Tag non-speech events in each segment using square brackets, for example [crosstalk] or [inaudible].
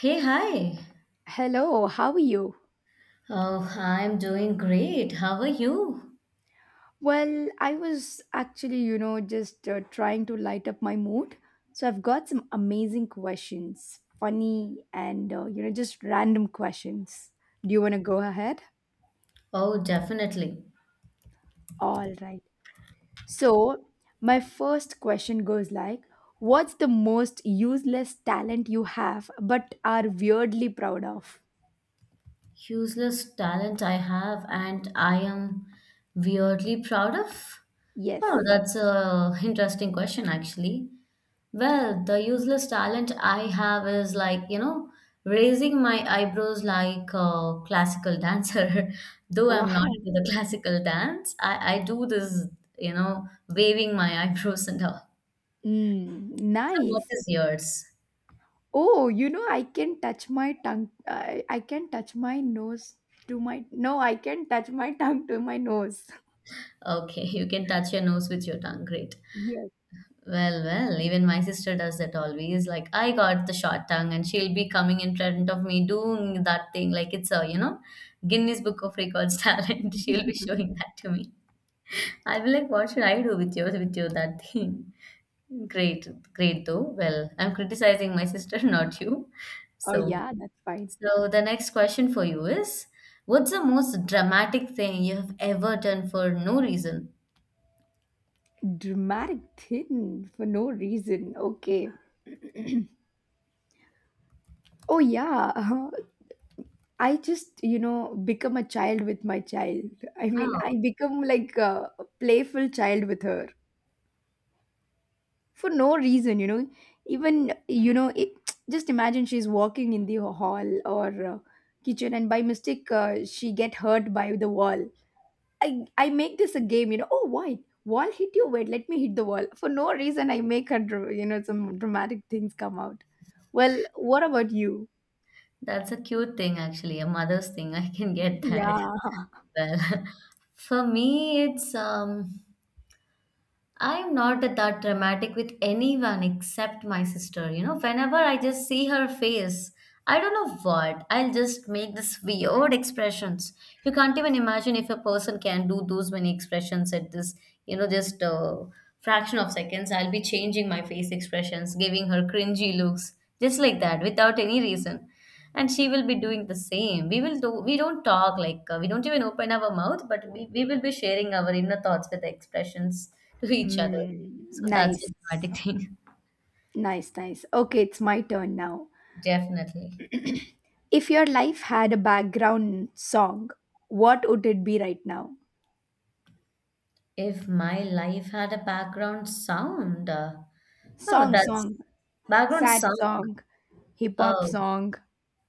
Hey, hi. Hello, how are you? Oh, I'm doing great. How are you? Well, I was actually, you know, just trying to light up my mood. So I've got some amazing questions, funny and, you know, just random questions. Do you want to go ahead? Oh, definitely. All right. So my first question goes like, what's the most useless talent you have but are weirdly proud of? Useless talent I have, and I am weirdly proud of. Oh, Yes. that's a interesting question, actually. Well, the useless talent I have is like, you know, raising my eyebrows like a classical dancer. [laughs] Though I'm not Wow. into the classical dance, I do this, you know, waving my [laughs] eyebrows and all. Mm, So, what nice. is yours? Oh, you know, I can touch my tongue. I can touch my nose to my. No, I can touch my [laughs] tongue to my nose. Okay, [laughs] you can touch your nose with your tongue. Great. Yes. Well, even my sister does that always. Like, I got the short tongue, and she'll be coming in front of me doing that thing. Like, it's a, you know, Guinness Book of Records [laughs] talent. She'll be [laughs] showing that to me. I'll be like, what should I do with you, that thing? [laughs] Great, though. Well, I'm criticizing my sister, [laughs] not you. Oh, So, yeah, that's fine. so the next question for you is, what's the most dramatic thing you have ever done for no reason? Dramatic thin for no reason. Okay. Oh, yeah. [laughs] I just, you know, become a child with my child. I mean, Wow. I become like a playful child with her. For no reason, you know, even you know it, just imagine she's walking in the hall or kitchen, and by mistake she get hurt by the wall. I make this a game, you know. Oh, why wall hit you? Wait, let me hit the wall. For no reason, I make her you know, some dramatic things come out. Well, what about you? That's a cute thing, actually, a mother's thing. [laughs] I can get that. [laughs] Yeah. Well, for me, it's I'm not that dramatic with anyone except my sister. You know, whenever I just see her face, I don't know what, I'll just make this weird expressions. You can't even imagine if a person can do those many expressions at this, you know, just a fraction of seconds. I'll be changing my face expressions, giving her cringy looks, just like that, without any reason, and she will be doing the same. We will do, we don't talk, like, we don't even open our mouth, but we will be sharing our inner thoughts with expressions to each other. Mm, So that's nice. a dramatic thing. Nice, nice. Okay, it's my turn now. [laughs] Definitely. If your life had a background song, what would it be right now? If my life had a background sound, oh, Song, that's song, background sad song. song, hip hop Oh, song.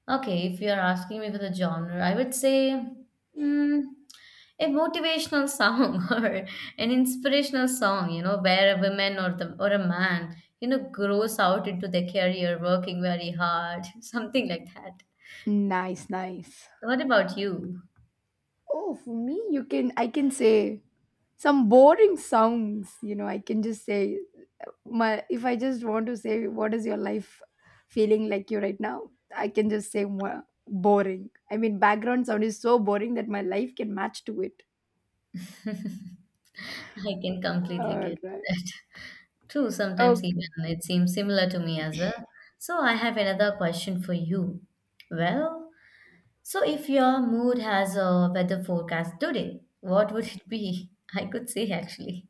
okay, if you're asking me for the genre, I would say, mm, a motivational song [laughs] or an inspirational song, you know, where a woman or the or a man, you know, grows out into their career working very hard, [laughs] something like that. Nice, nice. What about you? Oh, for me, you can I can say some boring songs. You know, I can just say my if I just want to say what is your life feeling like you right now, I can just say "Mwah, boring. I mean, background sound is so boring that my life can match to it. [laughs] I can completely All get right. that. True, sometimes Okay. even it seems similar to me as well. So I have another question for you. Well, so if your mood has a weather forecast today, what would it be? [laughs] I could say, actually.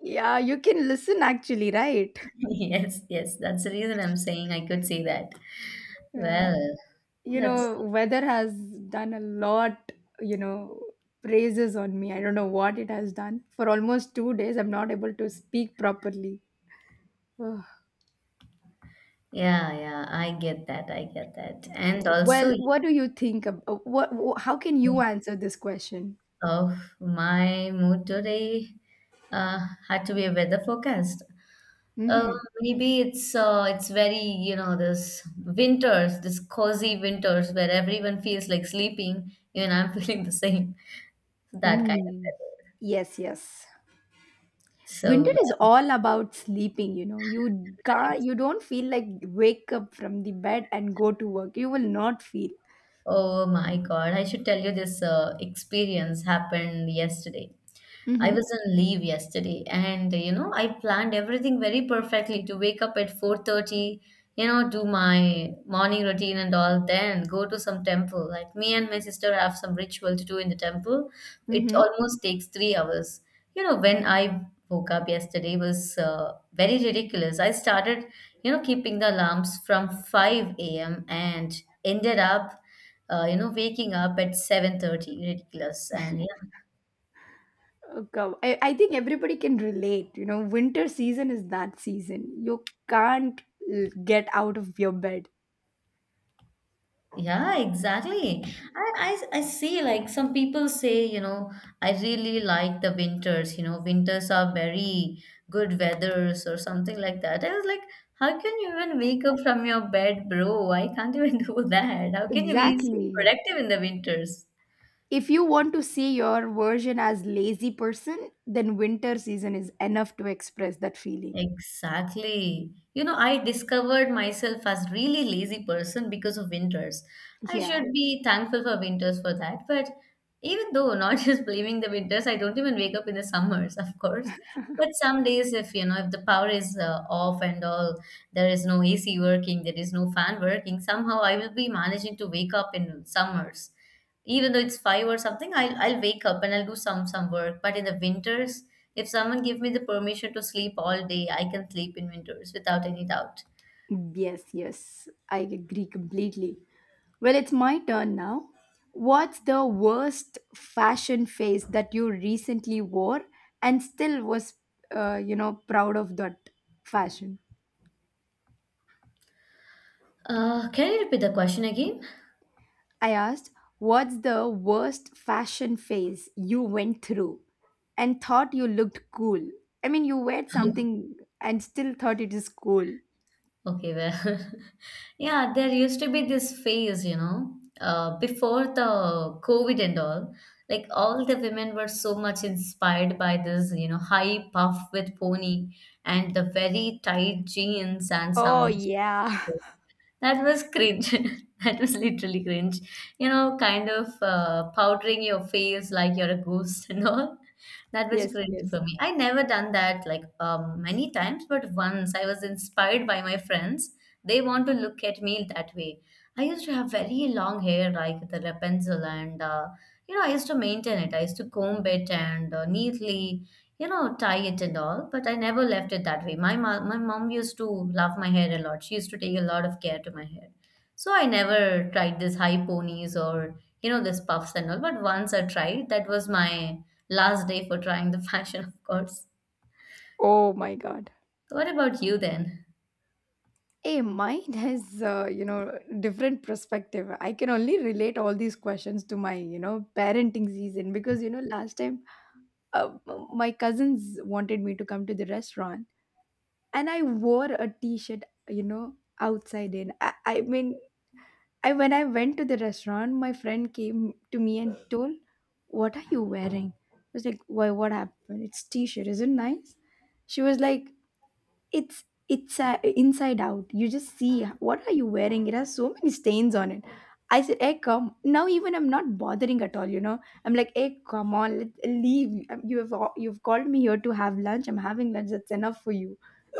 Yeah, you can listen actually, right? [laughs] Yes, yes, that's the reason I'm saying I could say that. Yeah. Well, You that's know, weather has done a lot, you know, praises on me. I don't know what it has done. For almost 2 days I'm not able to speak properly. Ugh. yeah, yeah, I get that, I get that. And Well, also, what do you think what how can you answer this question? of my mood today, uh had to be a weather forecast. Uh, Mhm. maybe it's very, you know, this winters, this cozy winters where everyone feels like sleeping, even I'm [laughs] feeling the same. That kind of Mm. weather. Yes, yes. So, Winter is all about sleeping, you know. You I can't, you don't feel like wake up from the bed and go to work. You will not feel. oh my God, I should tell you this experience happened yesterday. I Mhm. was on leave yesterday, and you know I planned everything very perfectly to wake up at 4:30, you know, do my morning routine and all, then go to some temple. Like, me and my sister have some ritual to do in the temple. It Mhm. almost takes 3 hours. You know, when I woke up yesterday was very ridiculous. I started, you know, keeping the alarms from 5 a.m. and ended up, you know, waking up at 7:30, ridiculous. And Oh, God. I think everybody can relate. You know, winter season is that season. You can't get out of your bed. yeah, exactly. I see, like, some people say, you know, I really like the winters, you know, winters are very good weathers or something like that. I was like, how can you even wake up from your bed, bro? I can't even [laughs] do that. How can you be so Exactly. productive in the winters? If you want to see your version as lazy person, then winter season is enough to express that feeling. Exactly. You know, I discovered myself as really lazy person because of winters. I Yeah. should be thankful for winters for that, but even though, not [laughs] just blaming the winters, I don't even wake up in the summers, of course. But some days, if you know, if the power is off and all, there is no AC working, there is no fan working, somehow I will be managing to wake up in summers even though it's five or something. I'll wake up and I'll do some work, but in the winters, if someone give me the permission to sleep all day, I can sleep in winters without any doubt. Yes, yes. I agree completely. Well, it's my turn now. What's the worst fashion phase that you recently wore and still was, you know, proud of that fashion? Can you repeat the question again? I asked, what's the worst fashion phase you went through and thought you looked cool? I mean, you wear something and still thought it is cool. Okay, well, [laughs] yeah, there used to be this phase, you know, before the COVID and all, like all the women were so much inspired by this, you know, high puff with pony and the very tight jeans and Oh, some yeah. [laughs] that was cringe. [laughs] That was literally cringe. You know, kind of powdering your face like you're a ghost and all. That was Yes, cringe yes. for me. I never done that like, many times, but once I was inspired by my friends. They want to look at me that way. I used to have very long hair, like the Rapunzel, and, you know, I used to maintain it. I used to comb it and, neatly, you know, tie it and all, but I never left it that way. My mom used to love my hair a lot. She used to take a lot of care to my hair. So I never tried this high ponies or, you know, this puffs and all. But once I tried, that was my last day for trying the [laughs] fashion, of course. Oh, my God. So, what about you then? Hey, mine has, you know, different perspective. I can only relate all these questions to my, you know, parenting season because, you know, last time uh, my cousins wanted me to come to the restaurant, and I wore a t shirt, you know, outside in. I mean, I when I went to the restaurant, my friend came to me and told, "What are you wearing?" I was like, "Why? What happened? It's t-shirt, isn't it nice." She was like, "It's it's uh, inside out. You just see what are you wearing? It has so many stains on it." I said, "Hey, come now." Even I'm not bothering at all. You know, I'm like, "Hey, come on, let leave. You have you've called me here to have lunch. I'm having lunch. That's enough for you."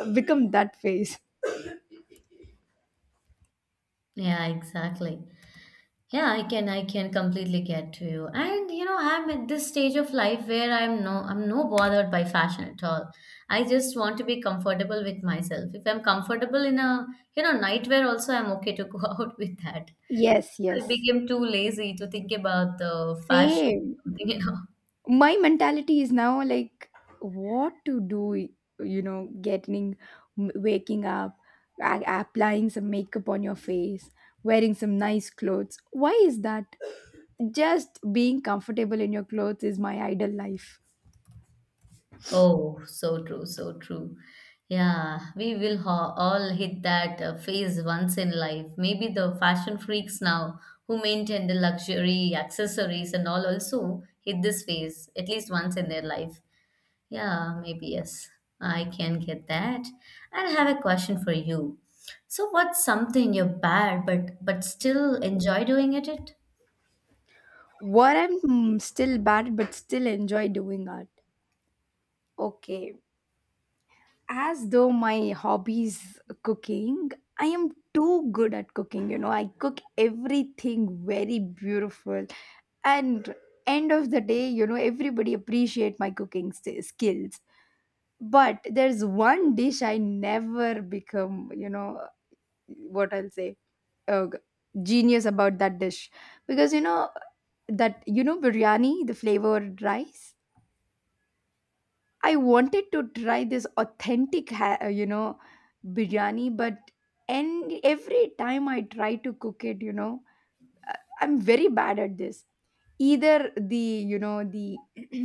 I've become that face. Yeah, exactly. Yeah, I can completely get to you. And you know, I'm at this stage of life where I'm no bothered by fashion at all. I just want to be comfortable with myself. If I'm comfortable in a, you know, nightwear also, I'm okay to go [laughs] out with that. Yes, I yes, became too lazy to think about the fashion, same. you know. My mentality is now like, what to do, you know, getting waking up, applying some makeup on your face, wearing some nice clothes. Why is that? Just being comfortable in your clothes is my ideal life. Oh, so true, so true. Yeah, we will ha all hit that, phase once in life. Maybe the fashion freaks now who maintain the luxury accessories and all also hit this phase at least once in their life. Yeah, maybe, yes. I can get that. And I have a question for you. So, what's something you're bad but still enjoy doing it? What I'm mm, still bad but still enjoy doing art. Okay, as though my hobby is cooking. I am too good at cooking, you know. I cook everything very beautiful. And end of the day, you know, everybody appreciate my cooking skills. But there's one dish I never become, you know, what I'll say, uh, genius about that dish. Because you know that, you know, biryani, the flavored rice. I wanted to try this authentic, you know, biryani, but and every time I try to cook it, you know, uh, I'm very bad at this. Either the, you know, the [clears throat]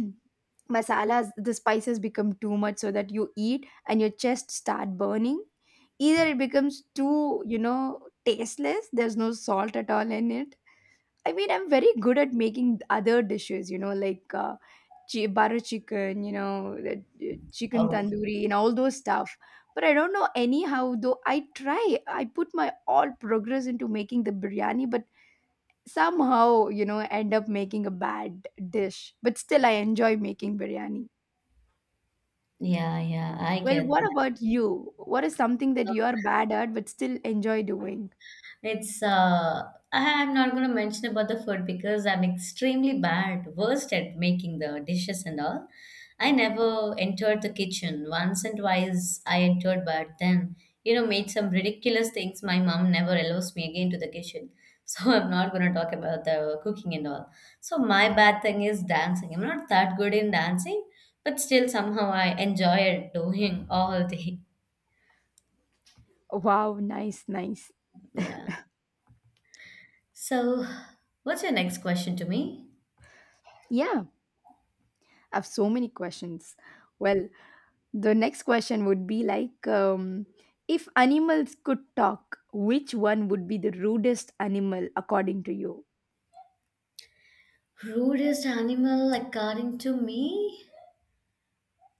masalas, the spices become too much so that you eat and your chest start burning. Either it becomes too, you know, tasteless. There's no salt at all in it. I mean, I'm very good at making other dishes, you know, like. Butter chicken, you know, the chicken Oh, tandoori and all those stuff. But I don't know anyhow, though I try, I put my all progress into making the biryani, but somehow, you know, end up making a bad dish. But still, I enjoy making biryani. yeah, yeah, I Well, get what that. about you? What is something that you are bad at but still enjoy doing? It's I'm not gonna mention about the food because I'm extremely bad, worst at making the dishes and all. I never entered the kitchen. Once and twice I entered, but then, you know, made some ridiculous things. My mom never allows me again to the kitchen. So, [laughs] I'm not gonna talk about the cooking and all. So, my bad thing is dancing. I'm not that good in dancing, but still somehow I enjoy doing all day. [laughs] Wow, nice, nice. Yeah. So, what's your next question to me? Yeah, I have so many questions. Well, the next question would be like, if animals could talk, which one would be the rudest animal according to you? Rudest animal, like, according to me?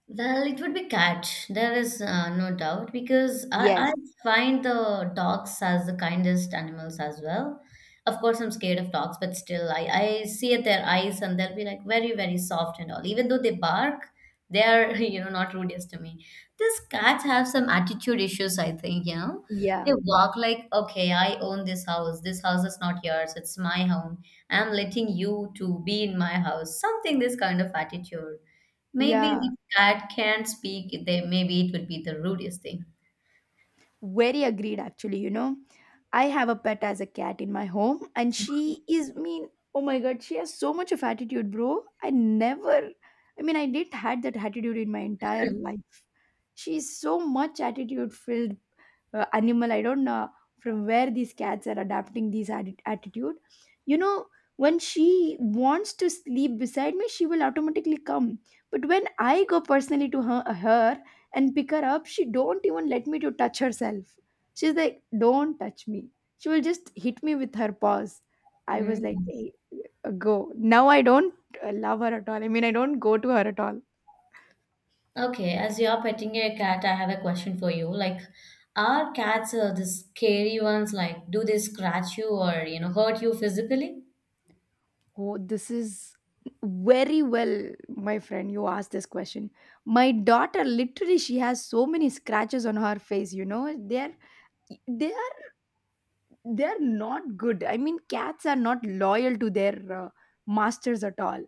Well, it would be cat. There is, no doubt, because I Yes. find the dogs as the kindest animals as well. Of course, I'm scared of dogs, but still, I see at their eyes, and they'll be like very, very soft and all. Even though they bark, they are, [laughs] you know, not rudeness to me. These cats have some attitude issues, I think, you know. They Yeah. walk like, okay, I own this house. This house is not yours. It's my home. I'm letting you to be in my house. Something this kind of attitude. Maybe Yeah, the cat can't speak. They, maybe, it would be the rudest thing. very agreed, actually. You know, I have a pet as a cat in my home, and she is mean. Oh my god, she has so much of attitude, bro. I never, I mean, I didn't had that attitude in my entire life. She's so much attitude filled animal. I don't know from where these cats are adapting these attitude. You know, when she wants to sleep beside me, she will automatically come. But when I go personally to her, her and pick her up, she don't even let me to touch herself. She's like, don't touch me. She will just hit me with her paws. I was like, Mm. hey, go now. I don't love her at all. I mean, I don't go to her at all. Okay, as you're petting a cat, I have a question for you. Like, are cats, the scary ones? Like, do they scratch you, or, you know, hurt you physically? Oh, this is very well, my friend, you asked this question. My daughter literally, she has so many scratches on her face, you know. They're they are They're not good. I mean, cats are not loyal to their masters at all.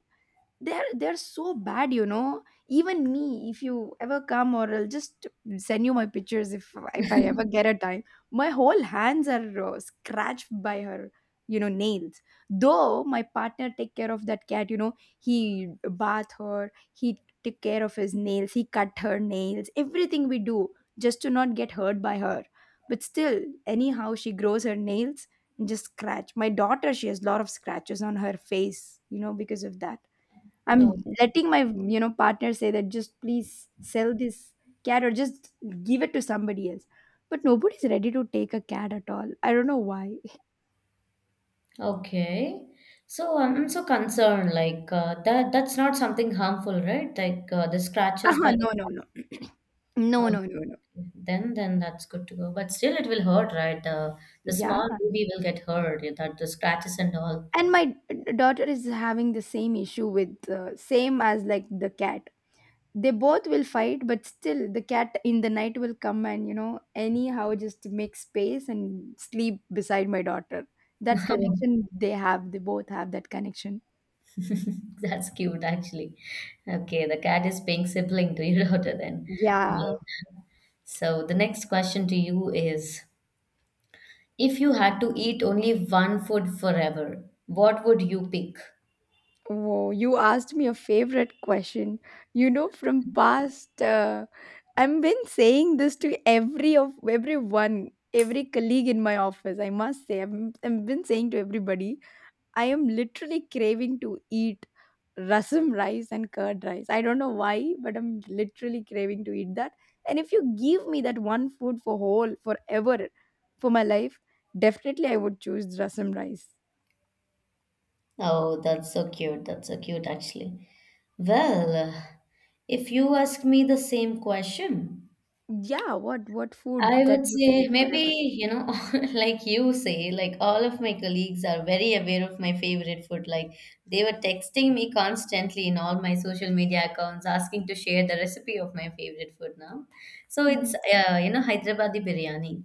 They're so bad, you know. Even me, if you ever come, or I'll just send you my pictures if I ever get a time. My whole hands are scratched by her, you know, nails. Though my partner take care of that cat, you know, he bath her, he take care of his nails, he cut her nails, everything we do just to not get hurt by her. But still anyhow she grows her nails and just scratch my daughter. She has a lot of scratches on her face, you know, because of that. No. I'm letting my, you know, partner say that just please sell this cat or just give it to somebody else. But nobody's ready to take a cat at all. I don't know why. [laughs] Okay. So, I'm so concerned. Like, that that's not something harmful, right? Like, the scratches by Uh-huh, no, the no, no. [clears throat] cat. No, no, no, no. Okay. Okay. Then that's good to go. But still, it will hurt, right? The Yeah. small baby will get hurt. Yeah, that the scratches and all. And my daughter is having the same issue with same as like the cat. They both will fight, but still the cat in the night will come and, you know, anyhow just make space and sleep beside my daughter. That Oh, connection they have, they both have that connection. [laughs] that's cute, actually. Okay, the cat is paying sibling to your [laughs] daughter, then. Yeah. Yeah. So, the next question to you is, if you had to eat only one food forever, what would you pick? Whoa, you asked me a favorite question. You know, from past, I've been saying this to every of everyone, every colleague in my office. I must say, I've been saying to everybody, I am literally craving to eat rasam rice and curd rice. I don't know why, but I'm literally craving to eat that. And if you give me that one food for whole forever for my life, definitely I would choose rasam rice. Oh, that's so cute. That's so cute, actually. Well, if you ask me the same question, Yeah, what food I that would you can say, eat maybe, forever? you know, [laughs] like you say, like all of my colleagues are very aware of my favorite food. Like, they were texting me constantly in all my social media accounts, asking to share the recipe of my favorite food now. So, Mhm. it's, you know, Hyderabadi biryani.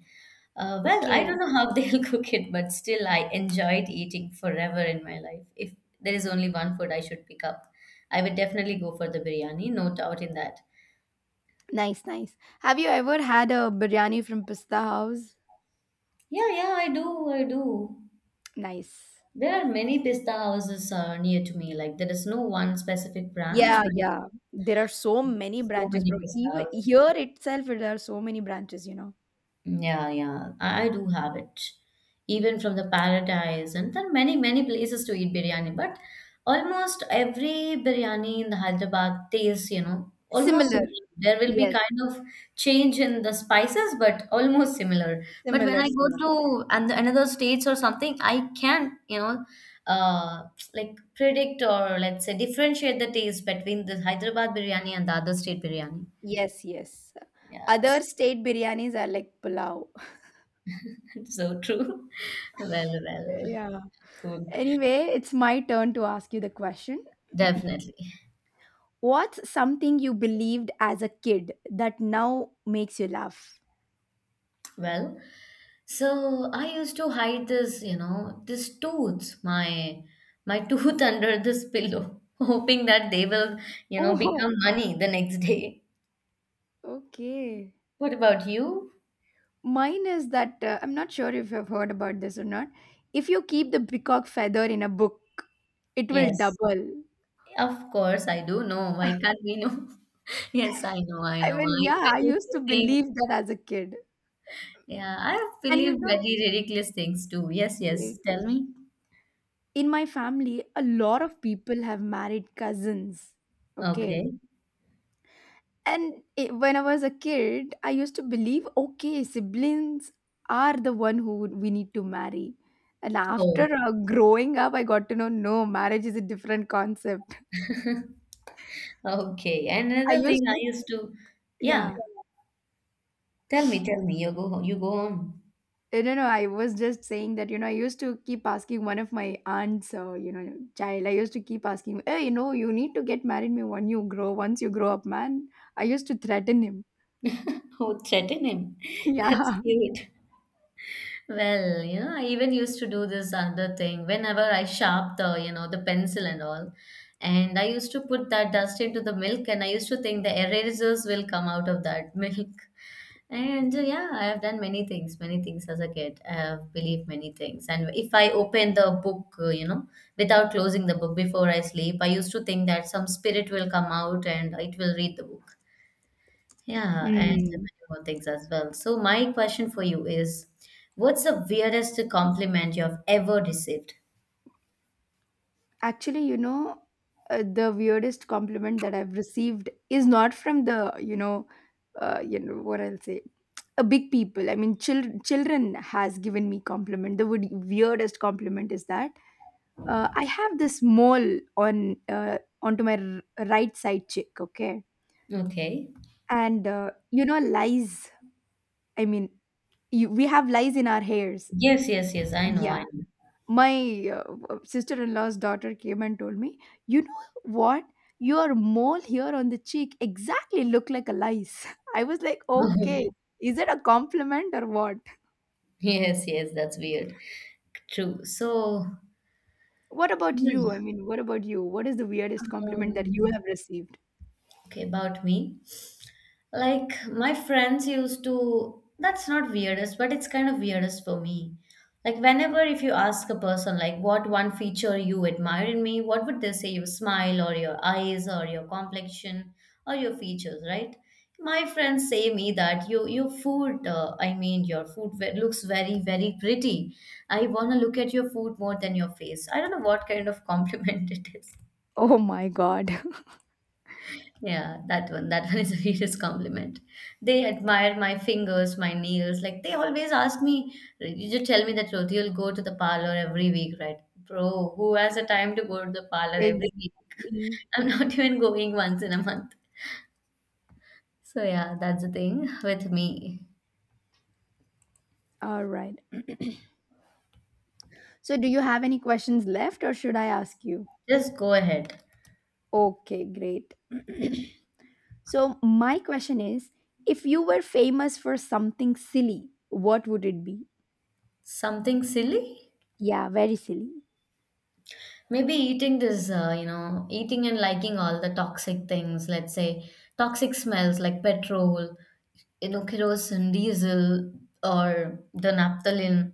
Well, I Okay, don't know how [laughs] they'll cook it, but still I enjoyed eating forever in my life. If there is only one food I should pick up, I would definitely go for the biryani, no doubt in that. nice, nice. Have you ever had a biryani from Pista House? Yeah, yeah, I do, I do. Nice. There are many pista houses, near to me. Like there is no one specific branch, Yeah, but yeah. There are so many so branches, many bro. pista Even houses. here itself, there are so many branches, you know. Yeah, yeah, I do have it. Even from the Paradise, and there are many, many places to eat biryani. But almost every biryani in the Hyderabad tastes almost Similar. similar. There will be Yes, kind of change in the spices, but almost similar. But when similar, I go similar. to another states or something, I can, uh, like predict or let's say differentiate the taste between the Hyderabad biryani and the other state biryani. Yes, yes. Other Yes. state biryanis are like pulao. [laughs] [laughs] So true. [laughs] Well, well, Yeah. cool. Anyway, it's my turn to ask you the question. Definitely. What's something you believed as a kid that now makes you laugh? Well, so I used to hide this tooth, my tooth [laughs] under this pillow, [laughs] hoping that they will Oh, become money the next day. okay. What about you? Mine is that I'm not sure if you've heard about this or not. If you keep the peacock feather in a book, it will Yes, double. of course I do know. Why [laughs] can't we know? [laughs] Yes, I know, I I know. mean, I yeah, even I used used to to think, believe that as a kid. yeah, I And you believe know, very ridiculous things too. Yes, eh, yes. Tell me. in my family, a lot of people have married cousins. Okay. Okay. And it, when I was a kid, I used to believe, okay, siblings are the one who we need to marry. And after Oh. Growing up, I got to know, no, marriage is a different concept. Okay. And I another thing used I to, used to, yeah. yeah. Tell me, tell me. You go on. [laughs] I don't know. I was just saying that, you know, I used to keep asking one of my aunts, you know, child, I used to keep asking, hey, you know, you need to get married me when you grow, once you grow up, man. I used to threaten him. Oh, threaten him. [laughs] [laughs] That's Yeah. cute. Well I even used to do this other thing whenever I sharp the pencil and all. And I used to put that dust into the milk, and I used to think the erasers will come out of that [laughs] milk. And yeah, I have done many things as a kid. I have believed many things. And if I open the book, without closing the book before I sleep, I used to think that some spirit will come out and it will read the book. Yeah, and many Mm. more things as well. So my question for you is, what's the weirdest compliment you have ever received? Actually, you know, the weirdest compliment that I've received is not from the, you know, uh, you know what I'll say, a big people. I mean, children has given me compliment. The weirdest compliment is that I have this mole on onto my right side cheek. Okay, Okay. and you know, lice. I mean, we have lice in our hairs. Yes, yes, yes. I know, I Yeah, know. my sister-in-law's daughter came and told me, you know what, your mole here on the cheek exactly look like a lice. [laughs] I was like, okay, [laughs] is it a compliment or what? Yes, yes, that's weird. True. So, What about you? I hmm, mean, what about you? What is the weirdest compliment that um, you have received? okay, about me. Like my friends used to, that's not weirdest, but it's kind of weirdest for me. Like whenever if you ask a person like what one feature you admire in me, what would they say? Your smile or your eyes or your complexion or your features, right? My friends say me that your food, I mean your food looks very very pretty. I wanna look at your food more than your face. I don't know what kind of compliment [laughs] it is. Oh my god. Yeah, that one. That [laughs] one is the weirdest compliment. They admire my fingers, my nails. Like they always ask me, you just tell me that Ruti, you'll go to the parlor every week, right? Bro, who has the time to go to the parlor [laughs] every week? exactly. [laughs] I'm not even going once in a month. So yeah, that's the thing with me. All right, so do you have any questions left or should I ask you? Just go ahead. Okay, great. [clears throat] So, my question is, if you were famous for something silly, what would it be? Something silly? Yeah, very silly. Maybe eating this, you know, eating and liking all the toxic things, let's say toxic smells like petrol kerosene, diesel, or the naphthalene,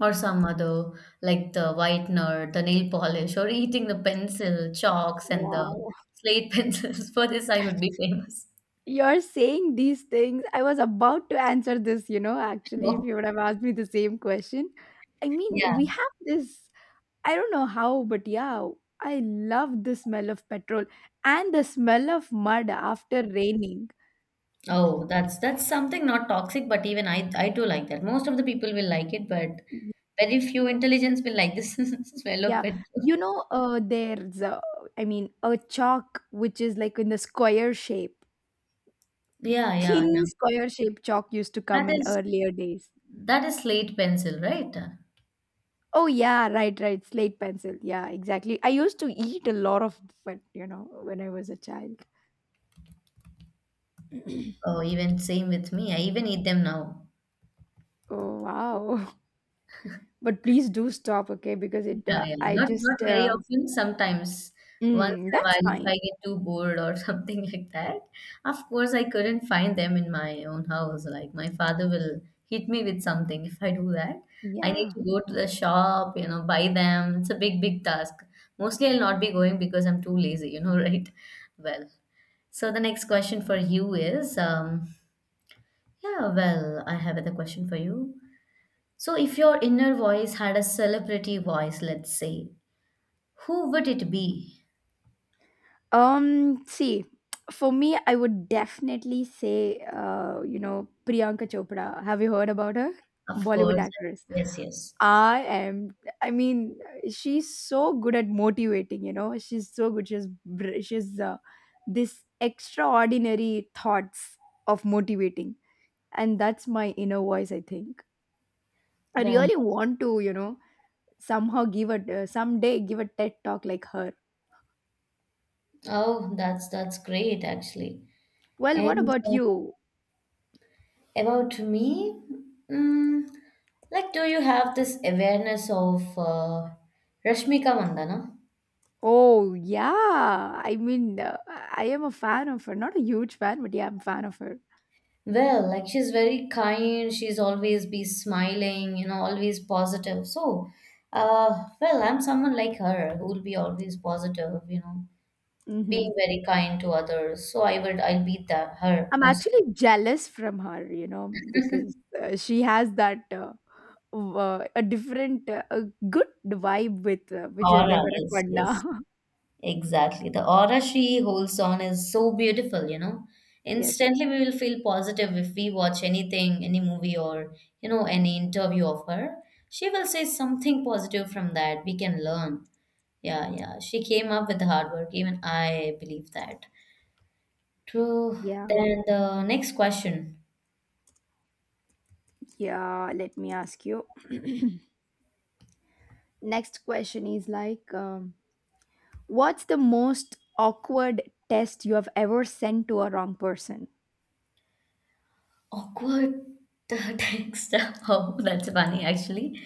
or some other like the whitener, the nail polish, or eating the pencil, chalks, and the Wow. slate [laughs] pencils. For this, I would be famous. [laughs] You're saying these things. I was about to answer this, you know, actually, if Oh, you would have asked me the same question. I mean, yeah. we have this, I don't know how, but yeah, I love the smell of petrol and the smell of mud after raining. Oh, that's something not toxic, but even I do like that. Most of the people will like it, but very few intelligence will like this [laughs] smell of Yeah. petrol. There's, I mean, a chalk which is like in the square shape. Yeah, yeah, yeah. Thin square-shaped chalk used to come That in is earlier days. that is slate pencil, right? Oh yeah, right, right. Slate pencil. Yeah, exactly. I used to eat a lot of, but you know, when I was a child. Oh, even same with me. I even eat them now. Oh wow. [laughs] But please do stop, okay? Because it Yeah, yeah. I Not just very often. Sometimes, once mm, in a that's while, if fine. I get too bored or [laughs] something like that. Of course, I couldn't find them in my own house. Like my father will hit me with something if I do that. I need Yeah. to go to the shop, buy them. It's a big, big task. Mostly, I'll not be going because I'm too lazy, you know, [laughs] right? Well, so the next question for you is, yeah, well, I have another question for you. So, if your inner voice had a celebrity voice, let's say, who would it be? Um, see, for me I would definitely say you know, Priyanka Chopra. Have you heard about her? Of Bollywood course, actress. yes, yes. I am. I mean, she's so good at motivating. You know, she's so good. She's this extraordinary thoughts of motivating, and that's my inner voice. I think I Well, really want to. You know, somehow give a someday give a TED talk like her. oh, that's great actually. Well, what And about you? about me, mm, like, do you have this awareness of Rashmika Mandana? Oh yeah, I mean, I am a fan of her. Not a huge fan, but yeah, I'm a fan of her. Well, like she's very kind, she's always be smiling always positive. So, well, I'm someone like her who will be always positive Mm-hmm. being very kind to others. So I'll be that her I'm most actually jealous from her, you know, because she has that a different, a good vibe with Vijay aura. Yes, yes, Deverakonda. exactly. The aura she holds on is so beautiful, you know. [laughs] yes. Instantly, we will feel positive if we watch anything, any movie, or any interview of her. She will say something positive from that. We can learn. Yeah, yeah. She came up with the hard work. Even I believe that. True. Yeah. Then the next question. Yeah. Let me ask you. [clears throat] Next question is like, what's the most awkward test you have ever sent to a wrong person? Awkward [laughs] text. Oh, that's funny actually.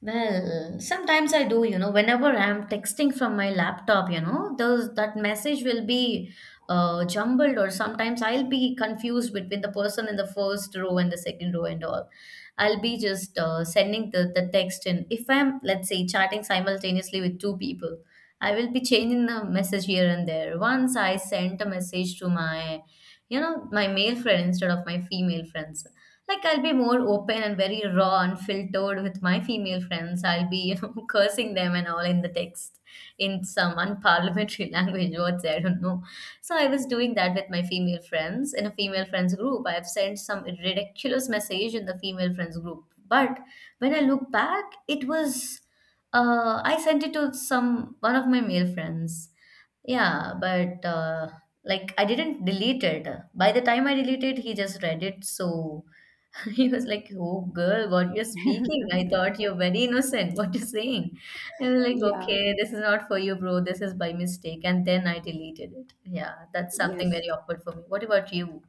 Well, sometimes I do. You know, whenever I'm texting from my laptop, you know, those that message will be jumbled. Or sometimes I'll be confused between the person in the first row and the second row and all. I'll be just sending the text in. If I'm, let's say, chatting simultaneously with two people, I will be changing the message here and there. Once I sent a message to my male friend instead of my female friends. Like I'll be more open and very raw and filtered with my female friends. I'll be, [laughs] cursing them and all in the text in some unparliamentary [laughs] language, words I don't know. So I was doing that with my female friends in a female friends group. I've sent some ridiculous message in the female friends group. But when I look back, it was I sent it to some one of my male friends. Yeah, but like I didn't delete it. By the time I deleted, he just read it. So [laughs] he was like, "Oh, girl, what you're speaking? I thought you're very innocent. What you're saying?" And I'm like, Yeah. "Okay, this is not for you, bro. This is by mistake." And then I deleted it. Yeah, that's something Yes. very awkward for me. What about you?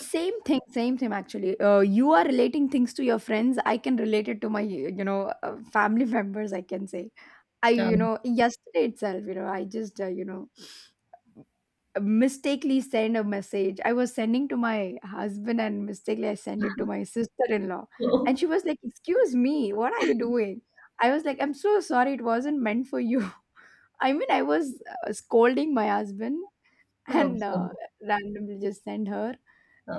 Same thing actually. You are relating things to your friends. I can relate it to my, you know, family [laughs] members, I can say. I, you Um, know, yesterday itself, you know, you know, mistakenly sent a message. I was sending to my husband and mistakenly I sent it to my sister in law. And she was [laughs] like, excuse me, what are you doing? I was like, I'm so sorry, it wasn't meant for you. [laughs] I mean, I was scolding my husband and okay. randomly just send her.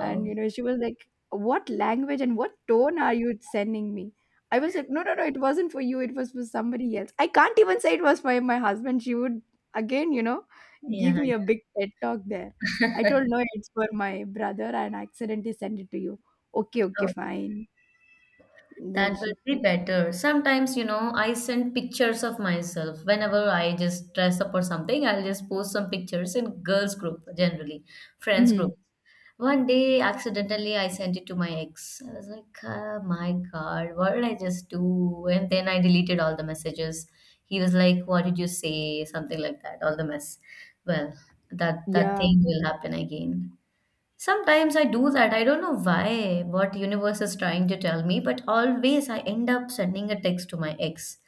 And you know, she was like, what language and what tone are you sending me? I was like, no, no, no, it wasn't for you, it was for somebody else. I can't even say it was for my husband, she would again, you know, give yeah. me a big TED talk there. I told, [laughs] no, it's for my brother and I accidentally sent it to you. Okay, okay, fine. That Then she. will be better. Sometimes, I send pictures of myself. Whenever I just dress up or something, I'll just post some pictures in girls group, generally, friends group. Mhm. One day, accidentally, I sent it to my ex. I was like, oh my God, what did I just do? And then I deleted all the messages. He was like, what did you say? Something like that, all the mess. Well, that Yeah, thing will happen again. Sometimes I do that. I don't know why, what universe is trying to tell me, but always I end up sending a text to my ex.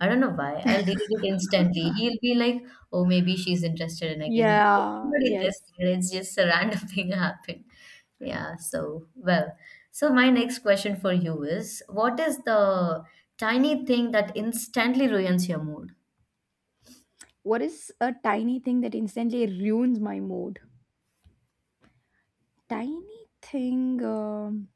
I don't know why. I'll delete it instantly. He'll be like, "Oh, maybe she's interested," and again, "Bro, I'm yeah, not yes. interested. It's just a random [laughs] thing happened." Yeah. So well. So my next question for you is, what is the tiny thing that instantly ruins your mood? What is a tiny thing that instantly ruins my mood? Tiny thing,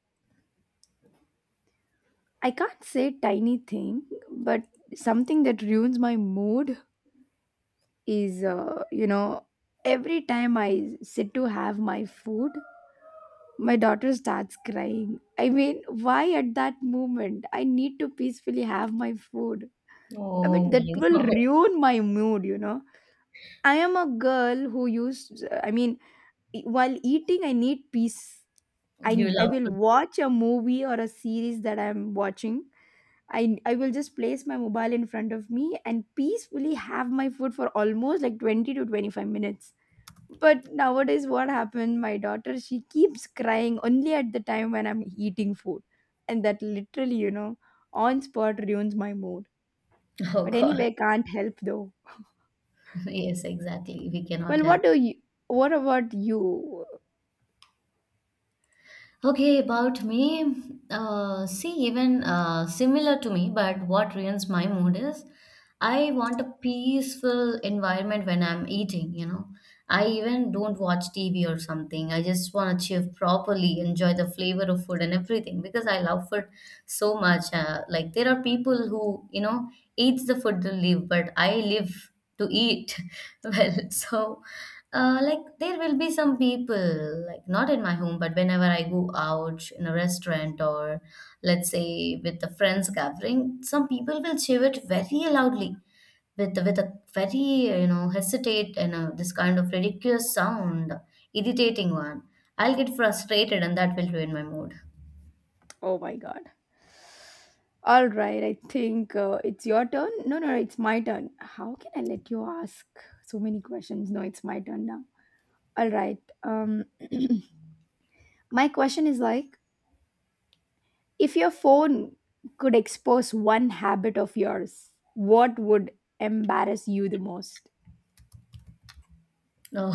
I can't say tiny thing, but something that ruins my mood is you know, every time I sit to have my food, my daughter starts crying. I mean, why at that moment? I need to peacefully have my food. I Oh mean, that my [laughs] will God, ruin my mood, you know. I am a girl who used, I mean, while eating I need peace. you I love will food. watch a movie or a series that I'm watching. I will just place my mobile in front of me and peacefully have my food for almost like 20 to 25 minutes. But nowadays, what happened? My daughter, she keeps crying only at the time when I'm eating food. And that literally, you know, on spot ruins my mood. Oh But God. anyway, can't help though. [laughs] Yes, exactly. We cannot Well, what help. do you, what about you? Okay, about me, see, even similar to me, but what ruins my mood is I want a peaceful environment when I'm eating, you know. I even don't watch TV or something. I just want to chew properly, enjoy the flavor of food and everything because I love food so much. Like, there are people who, eats the food to live, but I live to eat [laughs] well. So, like there will be some people, like not in my home, but whenever I go out in a restaurant or let's say with the friends gathering, some people will cheer it very loudly with a very hesitate and this kind of ridiculous sound, irritating one. I'll get frustrated and that will ruin my mood. Oh my God. All right, I think it's your turn. No, no, it's my turn. How can I let you ask so many questions? No, it's my turn now. All right. [clears throat] My question is like, if your phone could expose one habit of yours, what would embarrass you the most? No.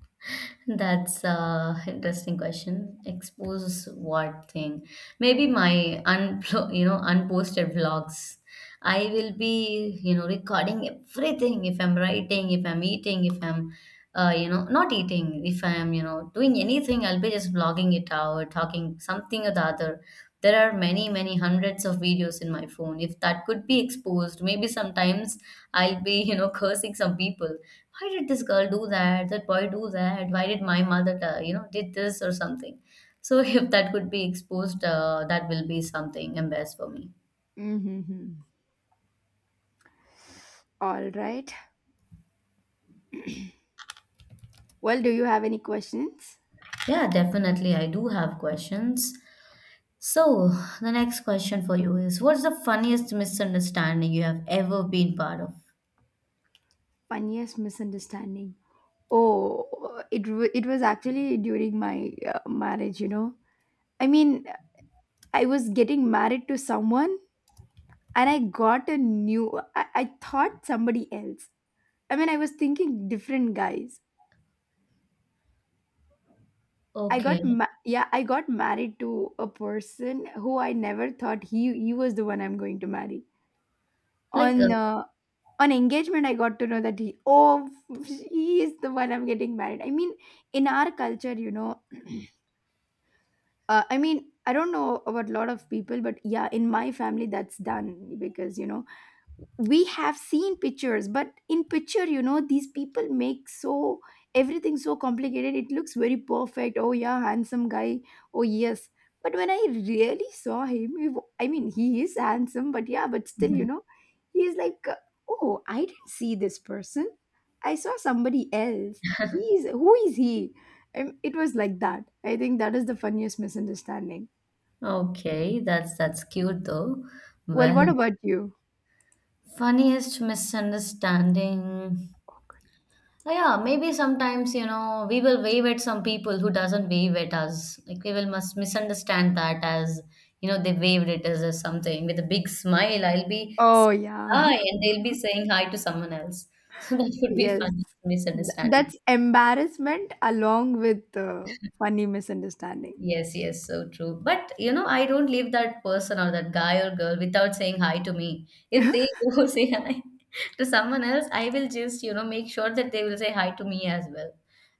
[laughs] That's a interesting question. Expose what thing? Maybe my unposted vlogs. I will be recording everything. If I'm writing, if I'm eating, if I'm not eating, if I'm doing anything, I'll be just vlogging it out, talking something or the other. There are many many hundreds of videos in my phone. If that could be exposed, maybe sometimes I'll be, cursing some people. Why did this girl do that? That boy do that? Why did my mother, did this or something? So [laughs] if that could be exposed, that will be something embarrassed for me. Mm-hmm. All right. Well, do you have any questions? Yeah, definitely. I do have questions. So the next question for you is, what's the funniest misunderstanding you have ever been part of? Funniest misunderstanding. Oh, it was actually during my marriage. You know, I mean, I was getting married to someone, and I got a new. I thought somebody else. I mean, I was thinking different guys. Okay. Yeah, I got married to a person who I never thought he was the one I'm going to marry. Like, On uh, on engagement, I got to know that he, oh, he is the one I'm getting married. I mean, in our culture, you know, [clears throat] I mean, I don't know about a lot of people, but yeah, in my family, that's done. Because you know, we have seen pictures, but in picture, you know, these people make so, everything so complicated, it looks very perfect. Oh yeah, handsome guy. Oh yes. But when I really saw him, I mean, he is handsome, but yeah, but still, you know, he is like, oh, I didn't see this person, I saw somebody else, he is, who is he? Um, it was like that. I think that is the funniest misunderstanding. okay, that's cute though. Well, Well, what about you? funniest misunderstanding. Well, yeah, maybe sometimes, we will wave at some people who doesn't wave at us. Like we will must misunderstand that as, they waved it as something with a big smile. I'll be Oh saying yeah. hi [laughs] and they'll be saying hi to someone else. [laughs] So that would be Yes, funny misunderstanding. that's embarrassment along with funny misunderstanding. Yes, yes, so true. But I don't leave that person or that guy or girl without saying hi to me. If they [laughs] [laughs] go say hi to someone else, I will just, make sure that they will say hi to me as well.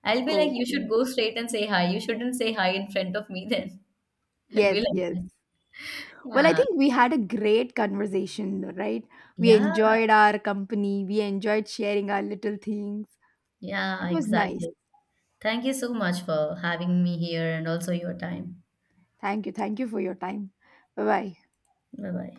I'll be like, you should Okay. go straight and say hi. You shouldn't say hi in front of me then. [laughs] I'll be Yes, like yes. that. Well, I Yeah, think we had a great conversation, right? We yeah, enjoyed our company, we enjoyed sharing our little things. yeah, It was nice. exactly. Thank you so much for having me here and also your time. Thank you. Thank you for your time. Bye bye. Bye bye.